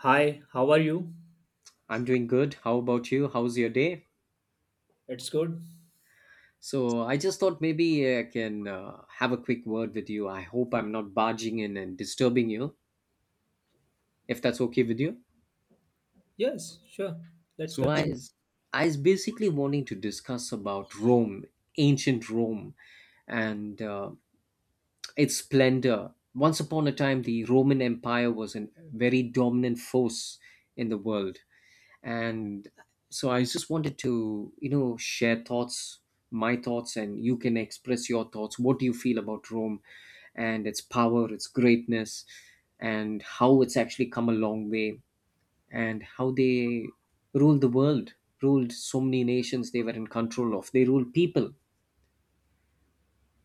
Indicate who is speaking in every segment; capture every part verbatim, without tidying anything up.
Speaker 1: Hi, how are you?
Speaker 2: I'm doing good. How about you? How's your day?
Speaker 1: It's good.
Speaker 2: So, I just thought maybe I can uh, have a quick word with you. I hope I'm not barging in and disturbing you, if that's okay with you.
Speaker 1: Yes, sure. Let's
Speaker 2: So, I
Speaker 1: continue.
Speaker 2: is, I is basically wanting to discuss about Rome, ancient Rome, and uh, its splendor. Once upon a time, the Roman Empire was a very dominant force in the world. And so I just wanted to, you know share thoughts, my thoughts, and you can express your thoughts. What do you feel about Rome and its power, its greatness, and how it's actually come a long way, and how they ruled the world, ruled so many nations they were in control of? They ruled people.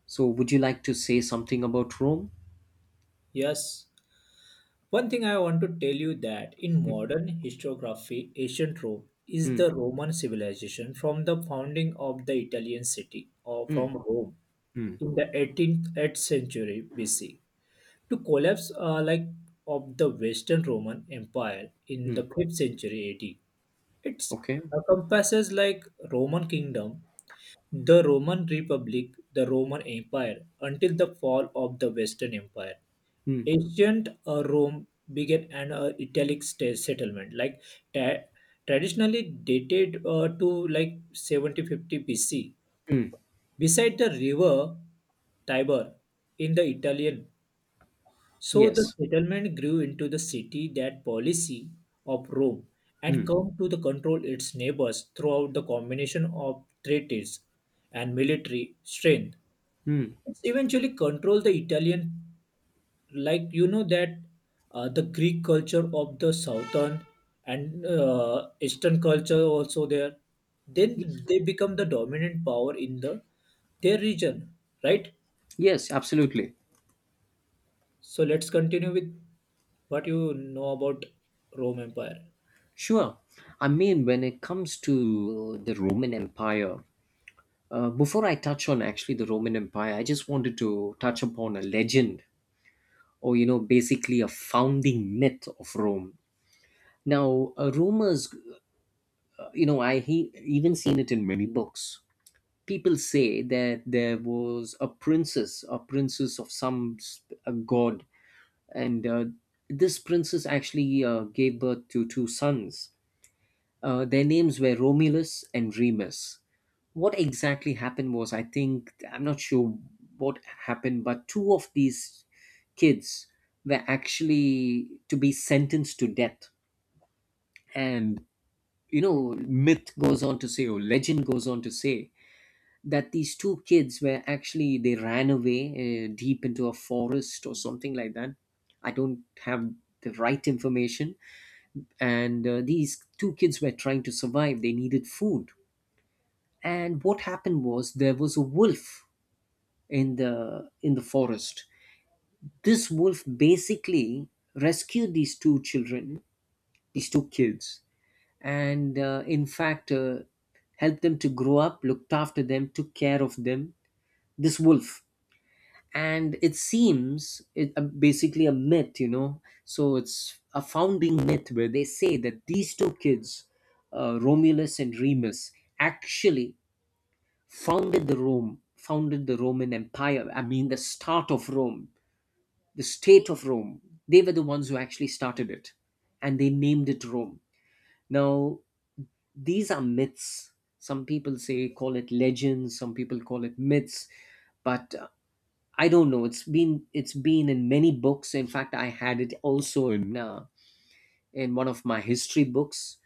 Speaker 2: So would you like to say something about Rome?
Speaker 1: Yes. One thing I want to tell you that in modern historiography, ancient Rome is
Speaker 2: Mm.
Speaker 1: the Roman civilization from the founding of the Italian city or from
Speaker 2: Mm.
Speaker 1: Rome
Speaker 2: Mm.
Speaker 1: in the eighteenth eighth century B C to collapse uh, like of the Western Roman Empire in
Speaker 2: Mm.
Speaker 1: the fifth century A D. It
Speaker 2: Okay.
Speaker 1: encompasses like Roman kingdom, the Roman Republic, the Roman Empire, until the fall of the Western Empire.
Speaker 2: Mm.
Speaker 1: Ancient uh, Rome began an uh, Italic sta- settlement, like tra- traditionally dated uh, to like seventy fifty B C,
Speaker 2: Mm.
Speaker 1: beside the river Tiber in the Italian. So the
Speaker 2: Yes.
Speaker 1: settlement grew into the city that policy of Rome and
Speaker 2: Mm.
Speaker 1: come to the control its neighbors throughout the combination of treaties and military strength.
Speaker 2: Mm.
Speaker 1: It's eventually control the Italian, like you know that uh, the Greek culture of the southern and uh, eastern culture also there, then they become the dominant power in the their region, right?
Speaker 2: Yes, absolutely.
Speaker 1: So let's continue with what you know about Rome empire.
Speaker 2: Sure. I mean, when it comes to the Roman Empire, uh, before I touch on actually the Roman Empire, I just wanted to touch upon a legend or, you know, basically a founding myth of Rome. Now, uh, Romans, uh, you know, I he- even seen it in many books. People say that there was a princess, a princess of some sp- a god, and uh, this princess actually uh, gave birth to two sons. Uh, their names were Romulus and Remus. What exactly happened was, I think, I'm not sure what happened, but two of these kids were actually to be sentenced to death. And, you know, myth goes on to say, or legend goes on to say, that these two kids were actually, they ran away uh, deep into a forest or something like that. I don't have the right information. And uh, these two kids were trying to survive, they needed food, and what happened was there was a wolf in the in the forest. This wolf basically rescued these two children, these two kids, and uh, in fact uh, helped them to grow up, looked after them, took care of them, this wolf. And it seems it uh, basically a myth, you know so it's a founding myth where they say that these two kids, uh, Romulus and Remus, actually founded the Rome, founded the Roman Empire. I mean, the start of Rome, the state of Rome. They were the ones who actually started it, and they named it Rome. Now, these are myths. Some people say call it legends. Some people call it myths, but uh, I don't know. It's been it's been in many books. In fact, I had it also in uh, in one of my history books.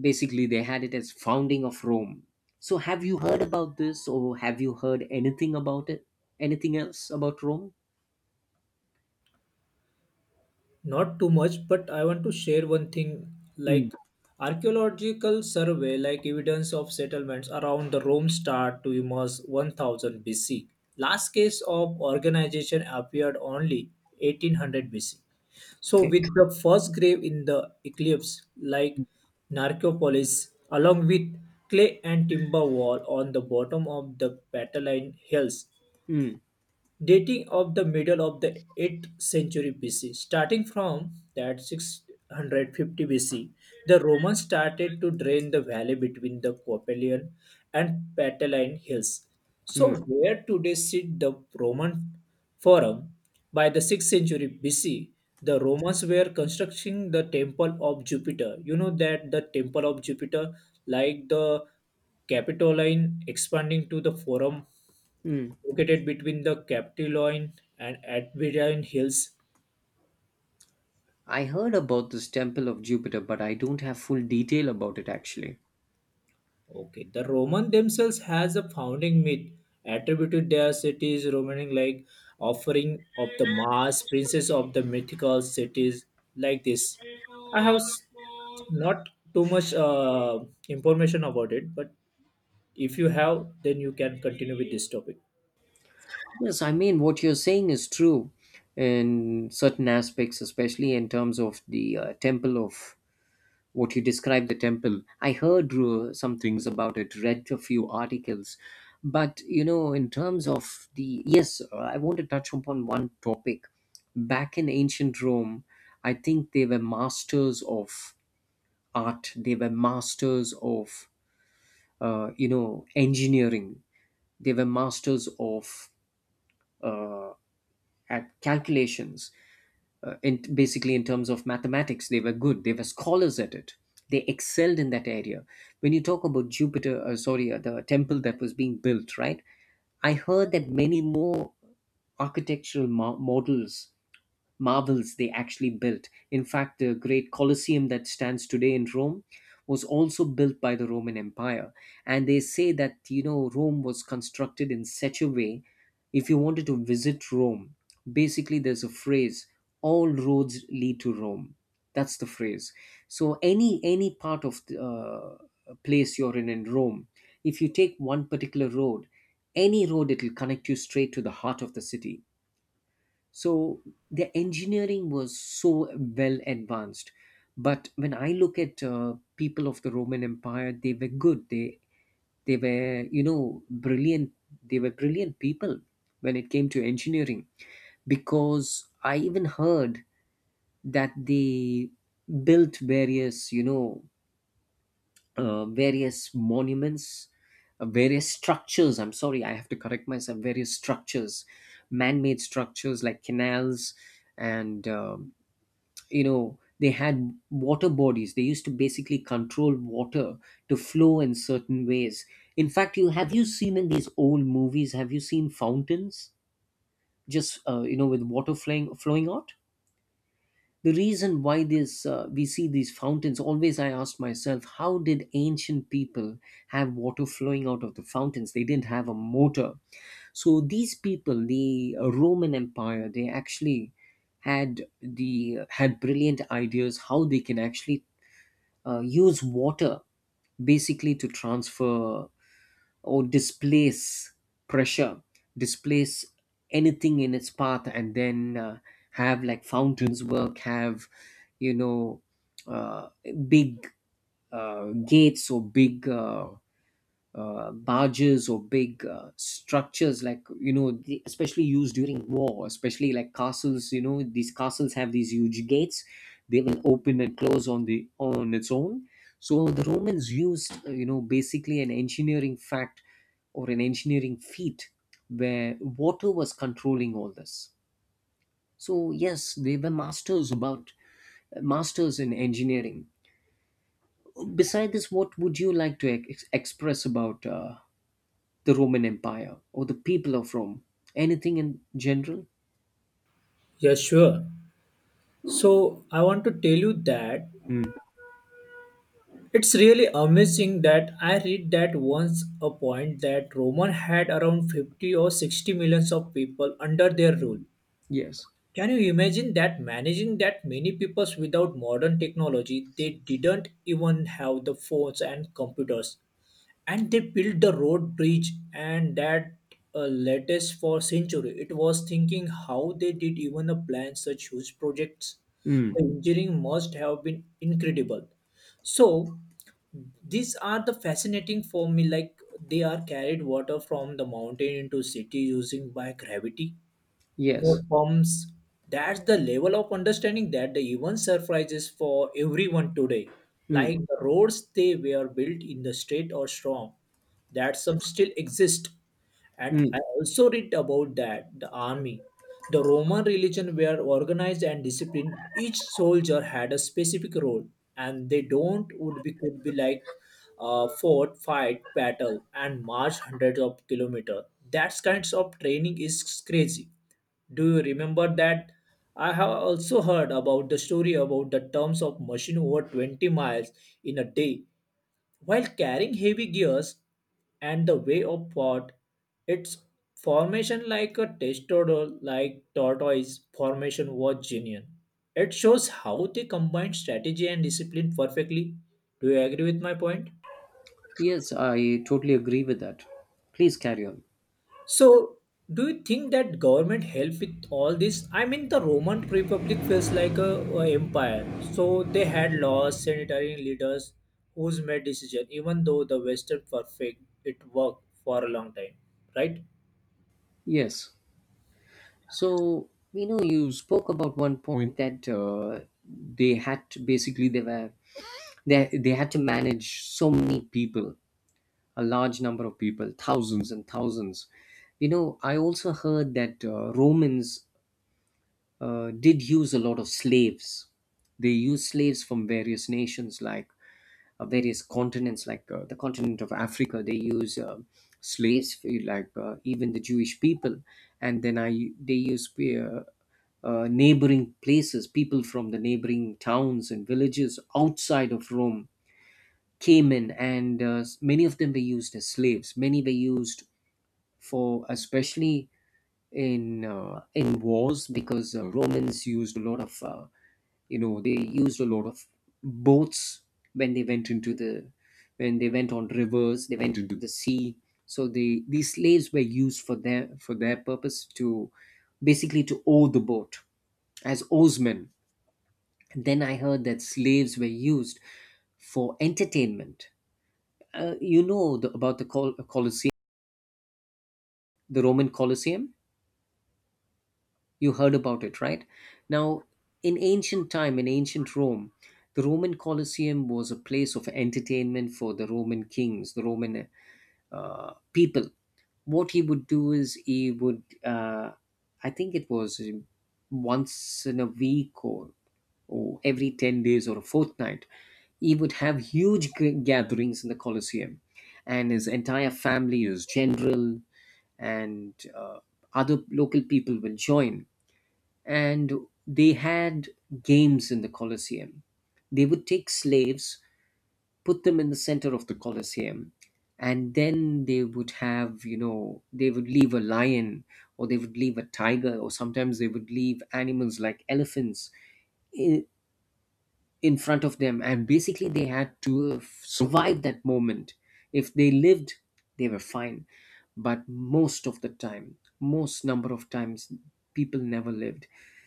Speaker 2: Basically they had it as founding of Rome. So have you heard about this, or have you heard anything about it, anything else about Rome?
Speaker 1: Not too much, but I want to share one thing.
Speaker 2: Mm.
Speaker 1: Like archaeological survey, like evidence of settlements around the Rome start to emerge one thousand BC. Last case of organization appeared only eighteen hundred BC. So
Speaker 2: Okay.
Speaker 1: with the first grave in the eclipse, like narcopolis, along with clay and timber wall on the bottom of the Pataline hills
Speaker 2: Mm.
Speaker 1: dating of the middle of the eighth century B C. Starting from that six hundred fifty B C, the Romans started to drain the valley between the Coppelian and Pataline hills.
Speaker 2: Mm.
Speaker 1: So, where today sit the Roman Forum, by the sixth century B C, the Romans were constructing the temple of Jupiter. You know that the temple of Jupiter, like the Capitoline expanding to the Forum
Speaker 2: Mm.
Speaker 1: located between the Capitoline and Adventine Hills.
Speaker 2: I heard about this temple of Jupiter, but I don't have full detail about it actually.
Speaker 1: Okay, the Roman themselves has a founding myth attributed their cities Romaning, like offering of the Mars, princess of the mythical cities, like this. I have s- not too much uh, information about it, but if you have, then you can continue with this topic.
Speaker 2: Yes, I mean what you're saying is true in certain aspects, especially in terms of the uh, temple of what you described, the temple. I heard uh, some things about it, read a few articles. But, you know, in terms of the. Yes, uh, I want to touch upon one topic. Back in ancient Rome, I think they were masters of art, they were masters of, uh, you know, engineering, they were masters of uh, at calculations. Uh, in, basically in terms of mathematics they were good, they were scholars at it, they excelled in that area. When you talk about Jupiter, uh, sorry, uh, the temple that was being built, right? I heard that many more architectural mo- models, marvels they actually built. In fact, the great Colosseum that stands today in Rome was also built by the Roman Empire. And they say that, you know, Rome was constructed in such a way, if you wanted to visit Rome, basically there's a phrase, all roads lead to Rome. That's the phrase. So any any part of the uh, place you're in in Rome, if you take one particular road, any road, it'll connect you straight to the heart of the city. So the engineering was so well advanced. But when I look at uh, people of the Roman Empire, they were good, they they were, you know brilliant, they were brilliant people when it came to engineering. Because I even heard that they built various, you know uh, various monuments, uh, various structures, I'm sorry, I have to correct myself, various structures, man-made structures like canals. And uh, you know they had water bodies, they used to basically control water to flow in certain ways. In fact, you have you seen in these old movies, have you seen fountains, just uh, you know with water flowing flowing out? The reason why this, uh, we see these fountains always, I asked myself, how did ancient people have water flowing out of the fountains? They didn't have a motor. So these people, the uh, Roman Empire, they actually had the had brilliant ideas how they can actually uh, use water, basically to transfer or displace pressure, displace anything in its path, and then uh, have like fountains work, have, you know uh, big, uh, gates, or big, uh, uh, barges, or big, uh, structures like, you know the, especially used during war, especially like castles, you know these castles have these huge gates, they will open and close on the on its own. So the Romans used uh, you know basically an engineering fact, or an engineering feat, where water was controlling all this. So yes, they were masters about masters in engineering. Beside this, what would you like to ex- express about uh, the Roman Empire or the people of Rome? Anything in general?
Speaker 1: Yeah, sure. So I want to tell you that
Speaker 2: Mm.
Speaker 1: it's really amazing that I read that once a point that Roman had around fifty or sixty millions of people under their rule.
Speaker 2: Yes.
Speaker 1: Can you imagine that managing that many peoples without modern technology? They didn't even have the phones and computers, and they built the road bridge and that uh, latest for century. It was thinking how they did even uh, plan such huge projects.
Speaker 2: Mm.
Speaker 1: The engineering must have been incredible. So these are the fascinating for me. Like they are carried water from the mountain into city using by gravity your
Speaker 2: Yes.
Speaker 1: pumps. That's the level of understanding that the event surprises for everyone today.
Speaker 2: Mm.
Speaker 1: Like the roads they were built in the state or storm, that some still exist. And
Speaker 2: Mm.
Speaker 1: I also read about that the army, the Roman religion were organized and disciplined. Each soldier had a specific role, and they don't would be could be like uh, fought, fight, battle, and march hundreds of kilometers. That kinds of training is crazy. Do you remember that? I have also heard about the story about the terms of machine over 20 miles in a day while carrying heavy gears, and the way of pot, its formation like a testosterone like tortoise formation was genuine. It shows how they combined strategy and discipline perfectly. Do you agree with my point?
Speaker 2: Yes, I totally agree with that. Please carry on.
Speaker 1: So, do you think that government help with all this? I mean, the Roman Republic feels like a, a empire. So they had laws, sanitary leaders who's made decision. Even though the Western perfect, it worked for a long time, right?
Speaker 2: Yes. So, you know, you spoke about one point that uh, they had to, basically they were they, they had to manage so many people, a large number of people, thousands and thousands. You know, I also heard that uh, Romans uh, did use a lot of slaves. They used slaves from various nations, like uh, various continents, like uh, the continent of Africa. They use uh, slaves, eh, like uh, even the Jewish people, and then I they use eh, uh, uh, neighboring places, people from the neighboring towns and villages outside of Rome came in, and uh, many of them were used as slaves. Many were used for, especially in uh, in wars, because uh, Romans used a lot of uh, you know they used a lot of boats. When they went into the, when they went on rivers, they went into the sea. So they, these slaves were used for their, for their purpose, to basically to oar the boat, as oarsmen. And then I heard that slaves were used for entertainment, uh, you know the, about the Col- Colosseum, the Roman Colosseum. You heard about it, right? Now, in ancient time, in ancient Rome, the Roman Colosseum was a place of entertainment for the Roman kings, the Roman uh, people. What he would do is he would, uh, I think it was once in a week, or, or every ten days or a fortnight, he would have huge g- gatherings in the Colosseum, and his entire family, his general, and uh, other local people will join, and they had games in the Colosseum. They would take slaves, put them in the center of the Colosseum, and then they would have, you know, they would leave a lion, or they would leave a tiger, or sometimes they would leave animals like elephants i- in front of them, and basically they had to survive that moment. If they lived, they were fine. But most of the time, most number of times, people never lived.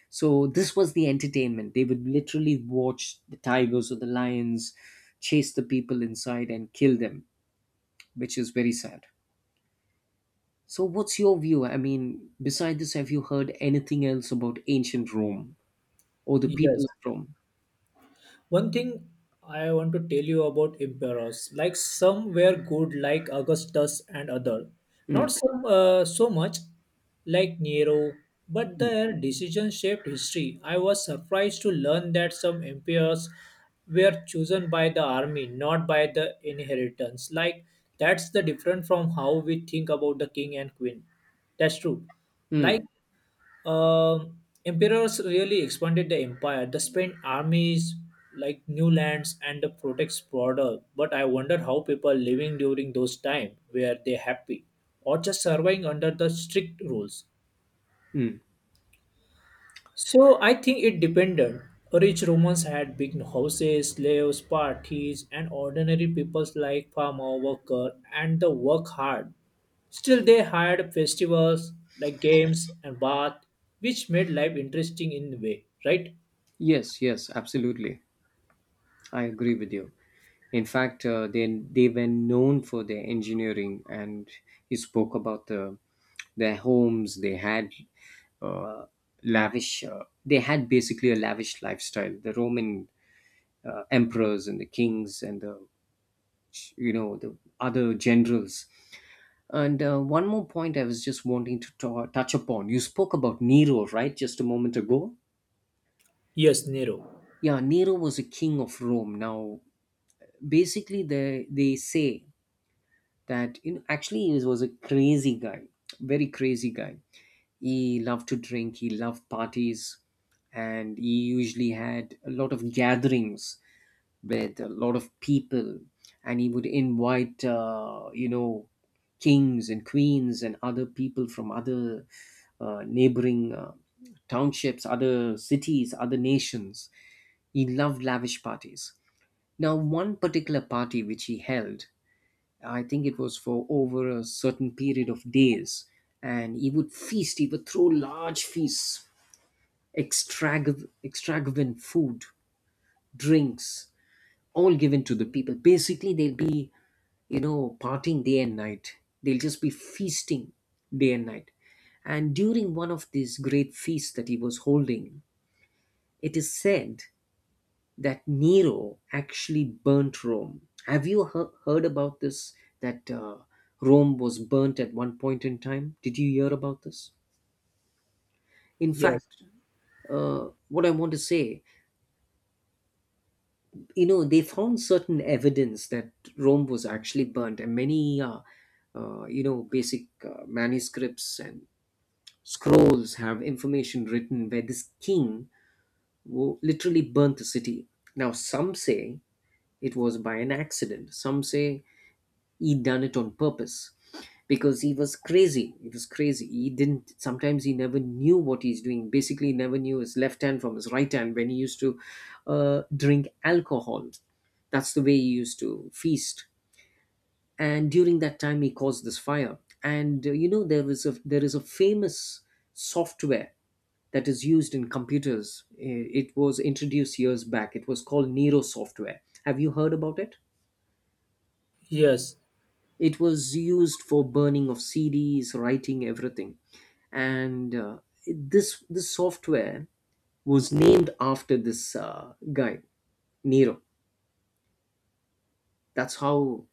Speaker 2: So this was the entertainment, they would literally watch the tigers or the lions chase the people inside and kill them, which is very sad. So what's your view? I mean, beside this, have you heard anything else about ancient Rome or the
Speaker 1: Yes.
Speaker 2: people of Rome?
Speaker 1: One thing I want to tell you about emperors, like some were good, like Augustus and other, not
Speaker 2: Mm.
Speaker 1: some uh, so much, like Nero, but
Speaker 2: Mm.
Speaker 1: their decisions shaped history. I was surprised to learn that some emperors were chosen by the army, not by the inheritance. Like that's the different from how we think about the king and queen. That's true.
Speaker 2: Mm.
Speaker 1: Like um emperors really expanded the empire. They spent armies, like new lands, and the protects border. But I wonder how people living during those time were they happy, or just surviving under the strict rules.
Speaker 2: Mm.
Speaker 1: So I think it depended. Rich Romans had big houses, slaves, parties, and ordinary peoples like farmer, worker, and the work hard. Still, they had festivals like games and bath, which made life interesting in a way, right?
Speaker 2: Yes, yes, absolutely. I agree with you. In fact, uh, they they were known for their engineering, and you spoke about the their homes. They had, uh, lavish. Uh, they had basically a lavish lifestyle. The Roman uh, emperors and the kings and the you know the other generals. And uh, one more point I was just wanting to ta- touch upon. You spoke about Nero, right? Just a moment ago.
Speaker 1: Yes, Nero.
Speaker 2: Yeah, Nero was a king of Rome. Now, basically they they say that you know actually he was a crazy guy, very crazy guy. He loved to drink, he loved parties, and he usually had a lot of gatherings with a lot of people. And he would invite uh, you know, kings and queens and other people from other uh, neighboring uh, townships, other cities, other nations. He loved lavish parties. Now, one particular party which he held, I think it was for over a certain period of days. And he would feast, he would throw large feasts, extrag- extravagant food, drinks, all given to the people. Basically, they'll be, you know, partying day and night. They'll just be feasting day and night. And during one of these great feasts that he was holding, it is said that Nero actually burnt Rome. Have you he- heard about this? That uh, Rome was burnt at one point in time. Did you hear about this? In
Speaker 1: Yes,
Speaker 2: fact, uh, what I want to say, you know, they found certain evidence that Rome was actually burnt, and many, uh, uh, you know, basic uh, manuscripts and scrolls have information written where this king wo- literally burnt the city. Now, some say it was by an accident. Some say he done it on purpose because he was crazy he was crazy he didn't, sometimes he never knew what he's doing. Basically, he never knew his left hand from his right hand when he used to uh, drink alcohol. That's the way he used to feast, and during that time he caused this fire. And uh, you know, there is a there is a famous software that is used in computers. I- it was introduced years back. It was called Nero software. Have you heard about it?
Speaker 1: yes,
Speaker 2: It was used for burning of C Ds, writing everything. And uh, this this software was named after this uh, guy Nero. That's how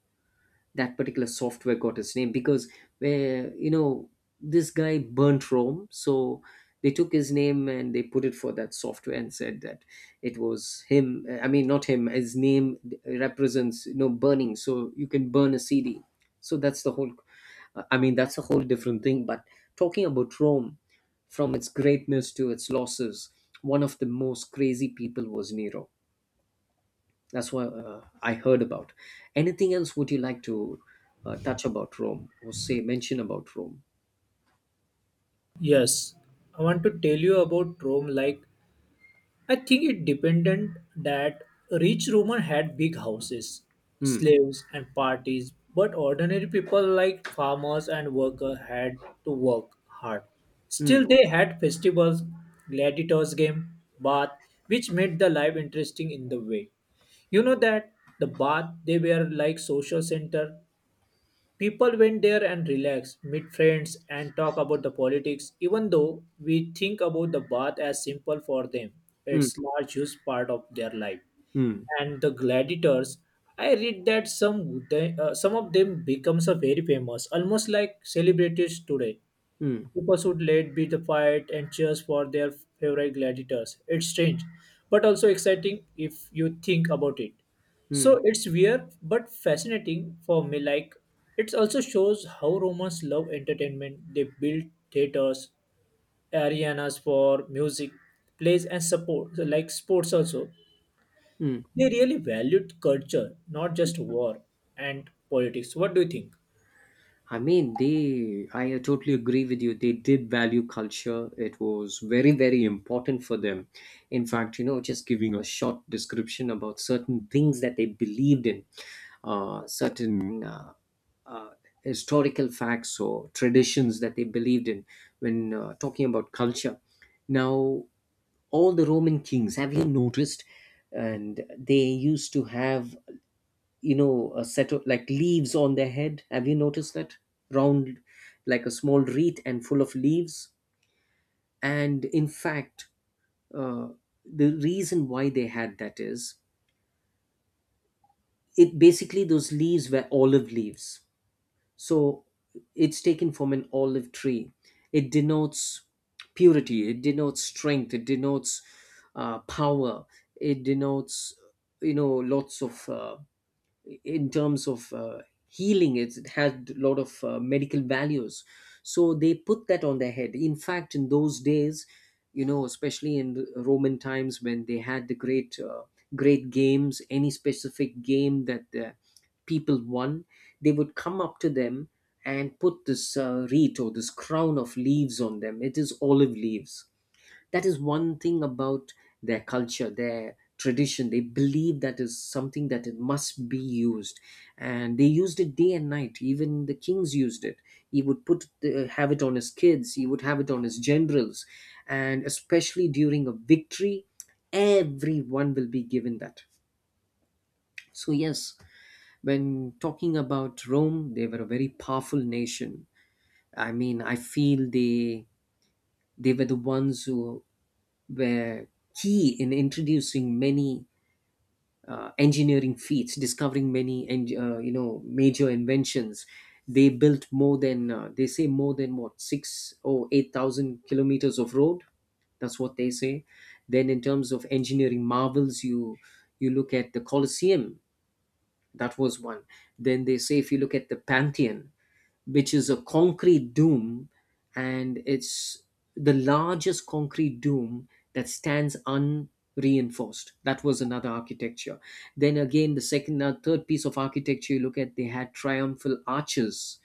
Speaker 2: that particular software got its name because, where you know, this guy burnt Rome, so they took his name and they put it for that software and said that it was him. I mean, not him. His name represents, you know, burning, so you can burn a C D. So that's the whole. I mean, that's a whole different thing. But talking about Rome, from its greatness to its losses, one of the most crazy people was Nero. That's what uh, I heard about. Anything else would you like to uh, touch about Rome or say mention about Rome?
Speaker 1: yes. I want to tell you about Rome. Like, I think it dependent that rich Roman had big houses,
Speaker 2: Hmm.
Speaker 1: slaves and parties, but ordinary people like farmers and workers had to work hard.
Speaker 2: Hmm.
Speaker 1: Still, they had festivals, gladiators game, bath, which made the life interesting in the way. You know that the bath they were like social center. People went there and relaxed, meet friends, and talk about the politics, even though we think about the bath as simple for them.
Speaker 2: Hmm.
Speaker 1: It's large huge part of their life.
Speaker 2: Hmm.
Speaker 1: And the gladiators, I read that some they, uh, some of them becomes a very famous, almost like celebrities today.
Speaker 2: Hmm.
Speaker 1: People should let be the fight and cheers for their favorite gladiators. It's strange, but also exciting if you think about it.
Speaker 2: Hmm.
Speaker 1: So it's weird but fascinating for me. Like it also shows how Romans love entertainment. They built theaters, arenas for music, plays, and support, so like sports also.
Speaker 2: Hmm.
Speaker 1: They really valued culture, not just war and politics. What do you think?
Speaker 2: I mean, they, I totally agree with you. They did value culture. It was very, very important for them. In fact, you know, just giving a short description about certain things that they believed in, uh, certain uh, uh, historical facts or traditions that they believed in when uh, talking about culture. Now, all the Roman kings, have you noticed? And they used to have, you know, a set of like leaves on their head. Have you noticed that? Round, like a small wreath and full of leaves. And in fact, uh, the reason why they had that is, it basically, those leaves were olive leaves, so it's taken from an olive tree. It denotes purity, it denotes strength, it denotes uh, power, it denotes, you know, lots of uh, in terms of uh, healing. It's, it had a lot of uh, medical values. So they put that on their head. In fact, in those days, you know, especially in the Roman times, when they had the great uh, great games, any specific game that the people won, they would come up to them and put this uh, wreath or this crown of leaves on them. It is olive leaves. That is one thing about their culture, their tradition. They believe that is something that it must be used, and they used it day and night. Even the kings used it. He would put the, have it on his kids, he would have it on his generals, and especially during a victory, everyone will be given that. So yes, when talking about Rome, they were a very powerful nation. I mean i feel they they were the ones who were key in introducing many uh, engineering feats, discovering many en- uh, you know, major inventions. They built more than uh, they say, more than what, six or eight thousand kilometers of road. That's what they say. Then in terms of engineering marvels, you you look at the Colosseum. That was one. Then they say, if you look at the Pantheon, which is a concrete dome, and it's the largest concrete dome that stands unreinforced. That was another architecture. Then again, the second, uh, third piece of architecture you look at, they had triumphal arches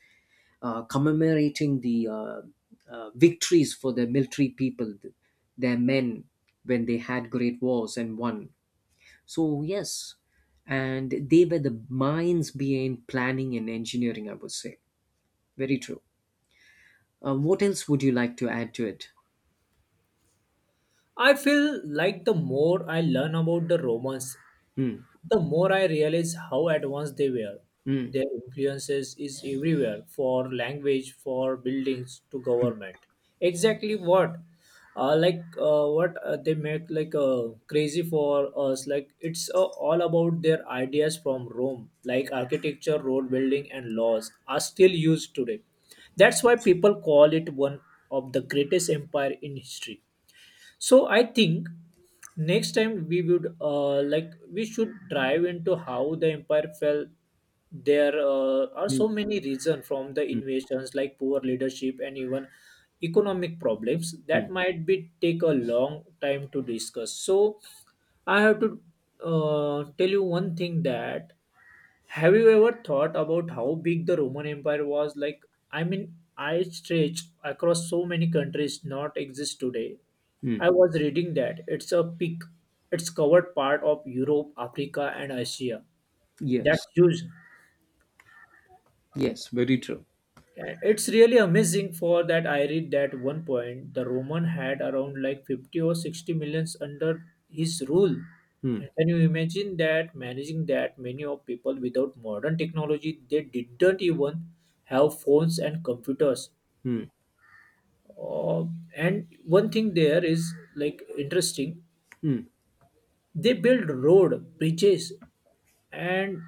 Speaker 2: uh, commemorating the uh, uh, victories for the military people, th- their men, when they had great wars and won. So yes, and they were the minds behind planning and engineering. I would say, very true. Uh, what else would you like to add to it?
Speaker 1: I feel like the more I learn about the Romans,
Speaker 2: Hmm.
Speaker 1: the more I realize how advanced they were.
Speaker 2: Hmm.
Speaker 1: Their influences is everywhere for language, for buildings to government. Exactly what, uh, like uh, what uh, they make like uh, crazy for us. Like it's uh, all about their ideas from Rome, like architecture, road building, and laws are still used today. That's why people call it one of the greatest empire in history. So I think next time we would uh, like we should dive into how the empire fell. There uh, are
Speaker 2: Hmm.
Speaker 1: so many reasons from the
Speaker 2: Hmm.
Speaker 1: invasions, like poor leadership and even economic problems
Speaker 2: Hmm.
Speaker 1: that might be take a long time to discuss. So I have to uh, tell you one thing that have you ever thought about how big the Roman Empire was? Like, I mean, I stretched across so many countries not exist today. I was reading that it's a peak. It's covered part of Europe, Africa, and Asia.
Speaker 2: Yes.
Speaker 1: That's huge.
Speaker 2: Yes. Very true.
Speaker 1: Yeah, it's really amazing for that I read that one point the Roman had around like fifty or sixty millions under his rule. And can you imagine that managing that many of people without modern technology? They didn't even have phones and computers.
Speaker 2: Hmm.
Speaker 1: Uh, and one thing there is like interesting, they built road bridges and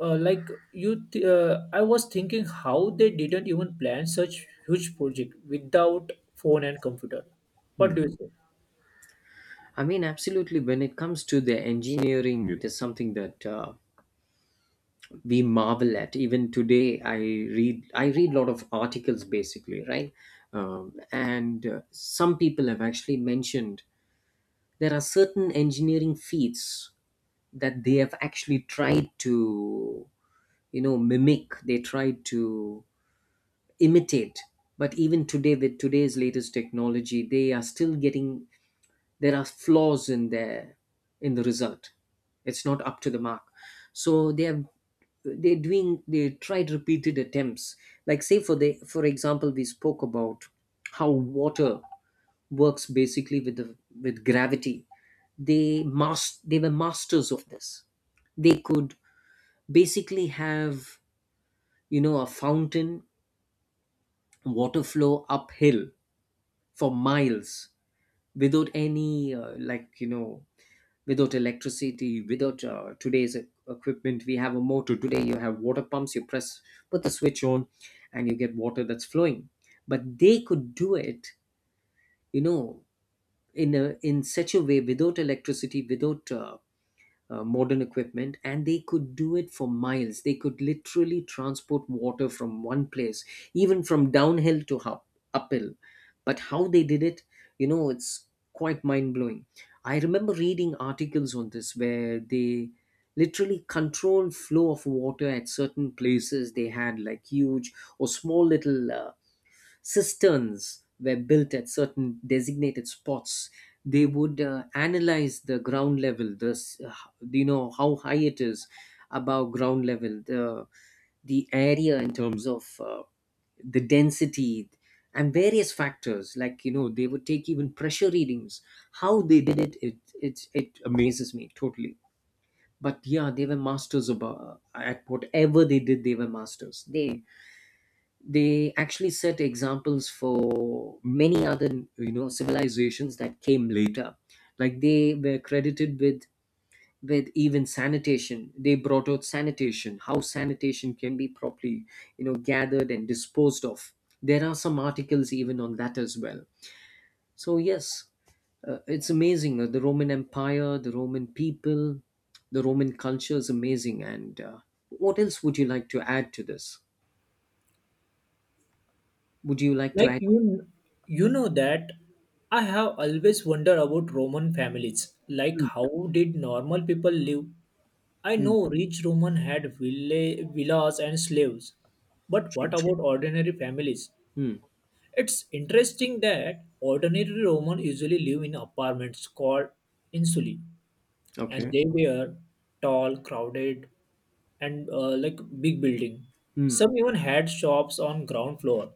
Speaker 1: uh, like you th- uh, I was thinking how they didn't even plan such huge project without phone and computer. What do you say?
Speaker 2: I mean, absolutely. When it comes to the engineering, it is something that uh, we marvel at. Even today, I read. I read a lot of articles, basically, right? Um, and uh, some people have actually mentioned, there are certain engineering feats that they have actually tried to, you know, mimic. They tried to imitate, but even today, with today's latest technology, they are still getting, there are flaws in their, in the result. It's not up to the mark. So they have, they're doing, they tried repeated attempts. Like, say for the, for example, we spoke about how water works, basically with the, with gravity. They must, they were masters of this. They could basically have, you know, a fountain, water flow uphill for miles, without any uh, like, you know, without electricity, without uh, today's e- equipment. We have a motor today, you have water pumps, you press, put the switch on, and you get water that's flowing. But they could do it, you know, in a, in such a way, without electricity, without uh, uh, modern equipment. And they could do it for miles. They could literally transport water from one place, even from downhill to up, uphill. But how they did it, you know, it's quite mind blowing. I remember reading articles on this, where they literally controlled flow of water at certain places. They had like huge or small little uh, cisterns were built at certain designated spots. They would uh, analyze the ground level, the s- uh, you know, how high it is above ground level, the the area in terms of uh, the density and various factors. Like, you know, they would take even pressure readings. How they did it, it it, it amazes me totally. But yeah, they were masters about, at whatever they did, they were masters. they they actually set examples for many other, you know, civilizations that came later. Like, they were credited with with even sanitation. They brought out sanitation, how sanitation can be properly, you know, gathered and disposed of. There are some articles even on that as well. So yes, uh, it's amazing. uh, the Roman empire, the Roman people, the Roman culture is amazing. And uh, what else would you like to add to this? Would you like to
Speaker 1: Like
Speaker 2: add?
Speaker 1: you you know that I have always wondered about Roman families. Like
Speaker 2: Hmm,
Speaker 1: how did normal people live? I
Speaker 2: hmm,
Speaker 1: know rich Roman had villa- villas and slaves, but
Speaker 2: sure.
Speaker 1: what about ordinary families?
Speaker 2: Hmm.
Speaker 1: It's interesting that ordinary Roman usually live in apartments called insulae, and
Speaker 2: Okay.
Speaker 1: they were tall, crowded, and uh, like big building.
Speaker 2: Hmm.
Speaker 1: Some even had shops on ground floor.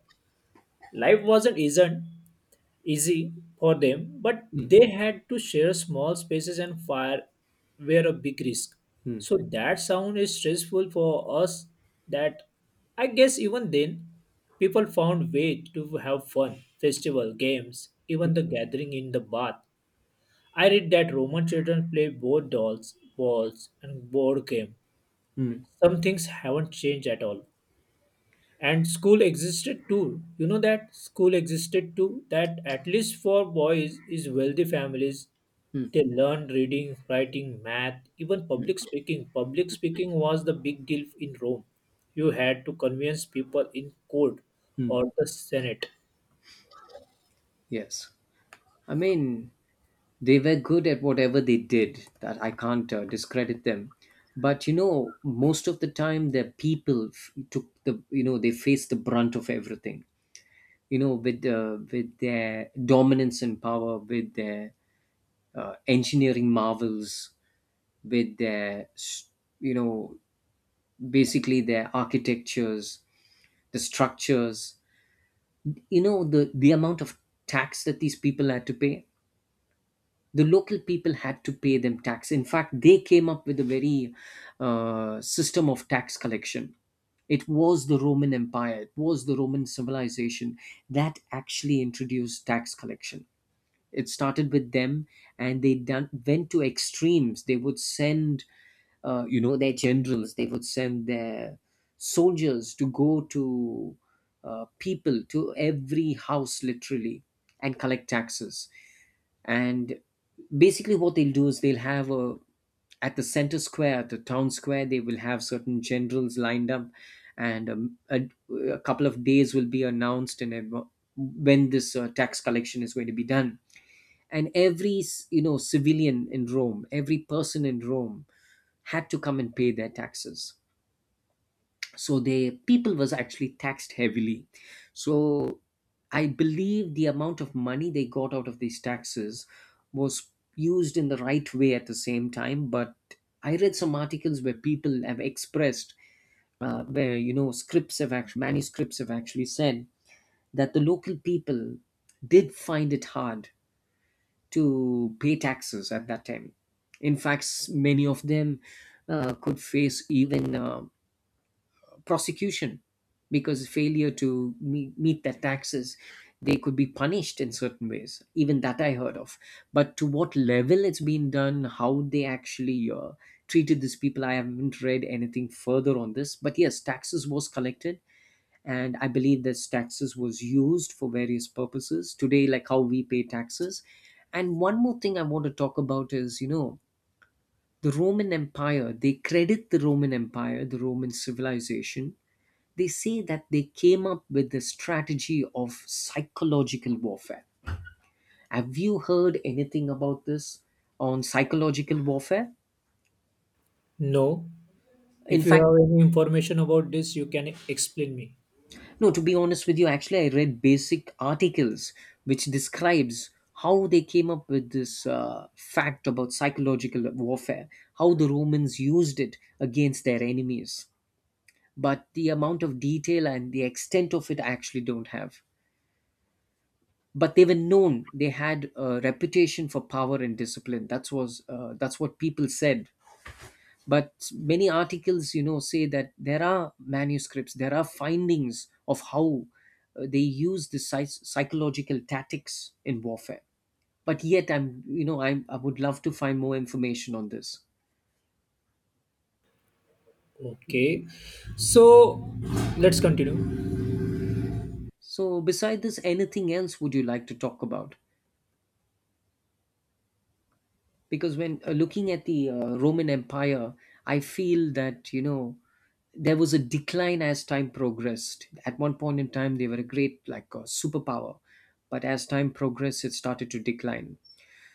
Speaker 1: Life wasn't isn't easy for them, but
Speaker 2: Hmm.
Speaker 1: they had to share small spaces, and fire were a big risk.
Speaker 2: Hmm.
Speaker 1: So that sound is stressful for us. That I guess even then, people found way to have fun, festival, games, even the gathering in the bath. I read that Roman children play both dolls, balls, and board game.
Speaker 2: Hmm.
Speaker 1: Some things haven't changed at all. And school existed too. You know that school existed too. That at least for boys is wealthy families. They learn reading, writing, math, even public speaking. Public speaking was the big deal in Rome. You had to convince people in court
Speaker 2: Mm.
Speaker 1: or the Senate.
Speaker 2: Yes. I mean, they were good at whatever they did. That I can't uh, discredit them. But you know, most of the time, the people f- took the, you know, they faced the brunt of everything. You know, with uh, with their dominance and power, with their uh, engineering marvels, with their s- you know, basically their architectures, the structures, you know, the the amount of tax that these people had to pay. The local people had to pay them tax. In fact, they came up with a very uh, system of tax collection. It was the Roman empire, it was the Roman civilization that actually introduced tax collection. It started with them, and they done, went to extremes. They would send, uh, you know, their generals. They would send their soldiers to go to uh, people, to every house, literally, and collect taxes. And basically, what they'll do is, they'll have a, at the center square, at the town square, they will have certain generals lined up, and um, a, a couple of days will be announced in adva- when this uh, tax collection is going to be done. And every, you know, civilian in Rome, every person in Rome had to come and pay their taxes. So the people was actually taxed heavily. So I believe the amount of money they got out of these taxes was used in the right way at the same time. But I read some articles where people have expressed, uh, where you know, scripts have actually, manuscripts have actually said that the local people did find it hard to pay taxes at that time. In fact, many of them uh, could face even uh, prosecution because failure to meet, meet their taxes, they could be punished in certain ways. Even that I heard of. But to what level it's been done, how they actually uh, treated these people, I haven't read anything further on this. But yes, taxes was collected, and I believe this taxes was used for various purposes today, like how we pay taxes. And one more thing I want to talk about is, you know, the Roman empire, they credit the Roman empire, the Roman civilization, they say that they came up with the strategy of psychological warfare. Have you heard anything about this, on psychological warfare?
Speaker 1: No.
Speaker 2: In
Speaker 1: If you
Speaker 2: fact,
Speaker 1: have any information about this, you can explain me.
Speaker 2: no, to be honest with you, actually, I read basic articles which describes how they came up with this uh, fact about psychological warfare, how the Romans used it against their enemies. But the amount of detail and the extent of it, I actually don't have. But they were known, they had a reputation for power and discipline. That's was uh, that's what people said. But many articles, you know, say that there are manuscripts, there are findings of how uh, they use the psy- psychological tactics in warfare. But yet, I'm you know I'm, I would love to find more information on this.
Speaker 1: Okay. So let's continue.
Speaker 2: So beside this, anything else would you like to talk about? Because when uh, looking at the uh, Roman empire, I feel that, you know, there was a decline as time progressed. At one point in time, they were a great like uh, superpower, but as time progressed, it started to decline.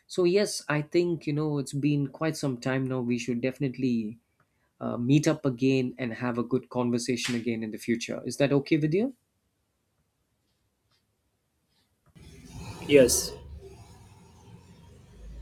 Speaker 2: So yes, I think, you know, it's been quite some time now. We should definitely uh, meet up again and have a good conversation again in the future. Is that okay with you?
Speaker 1: Yes.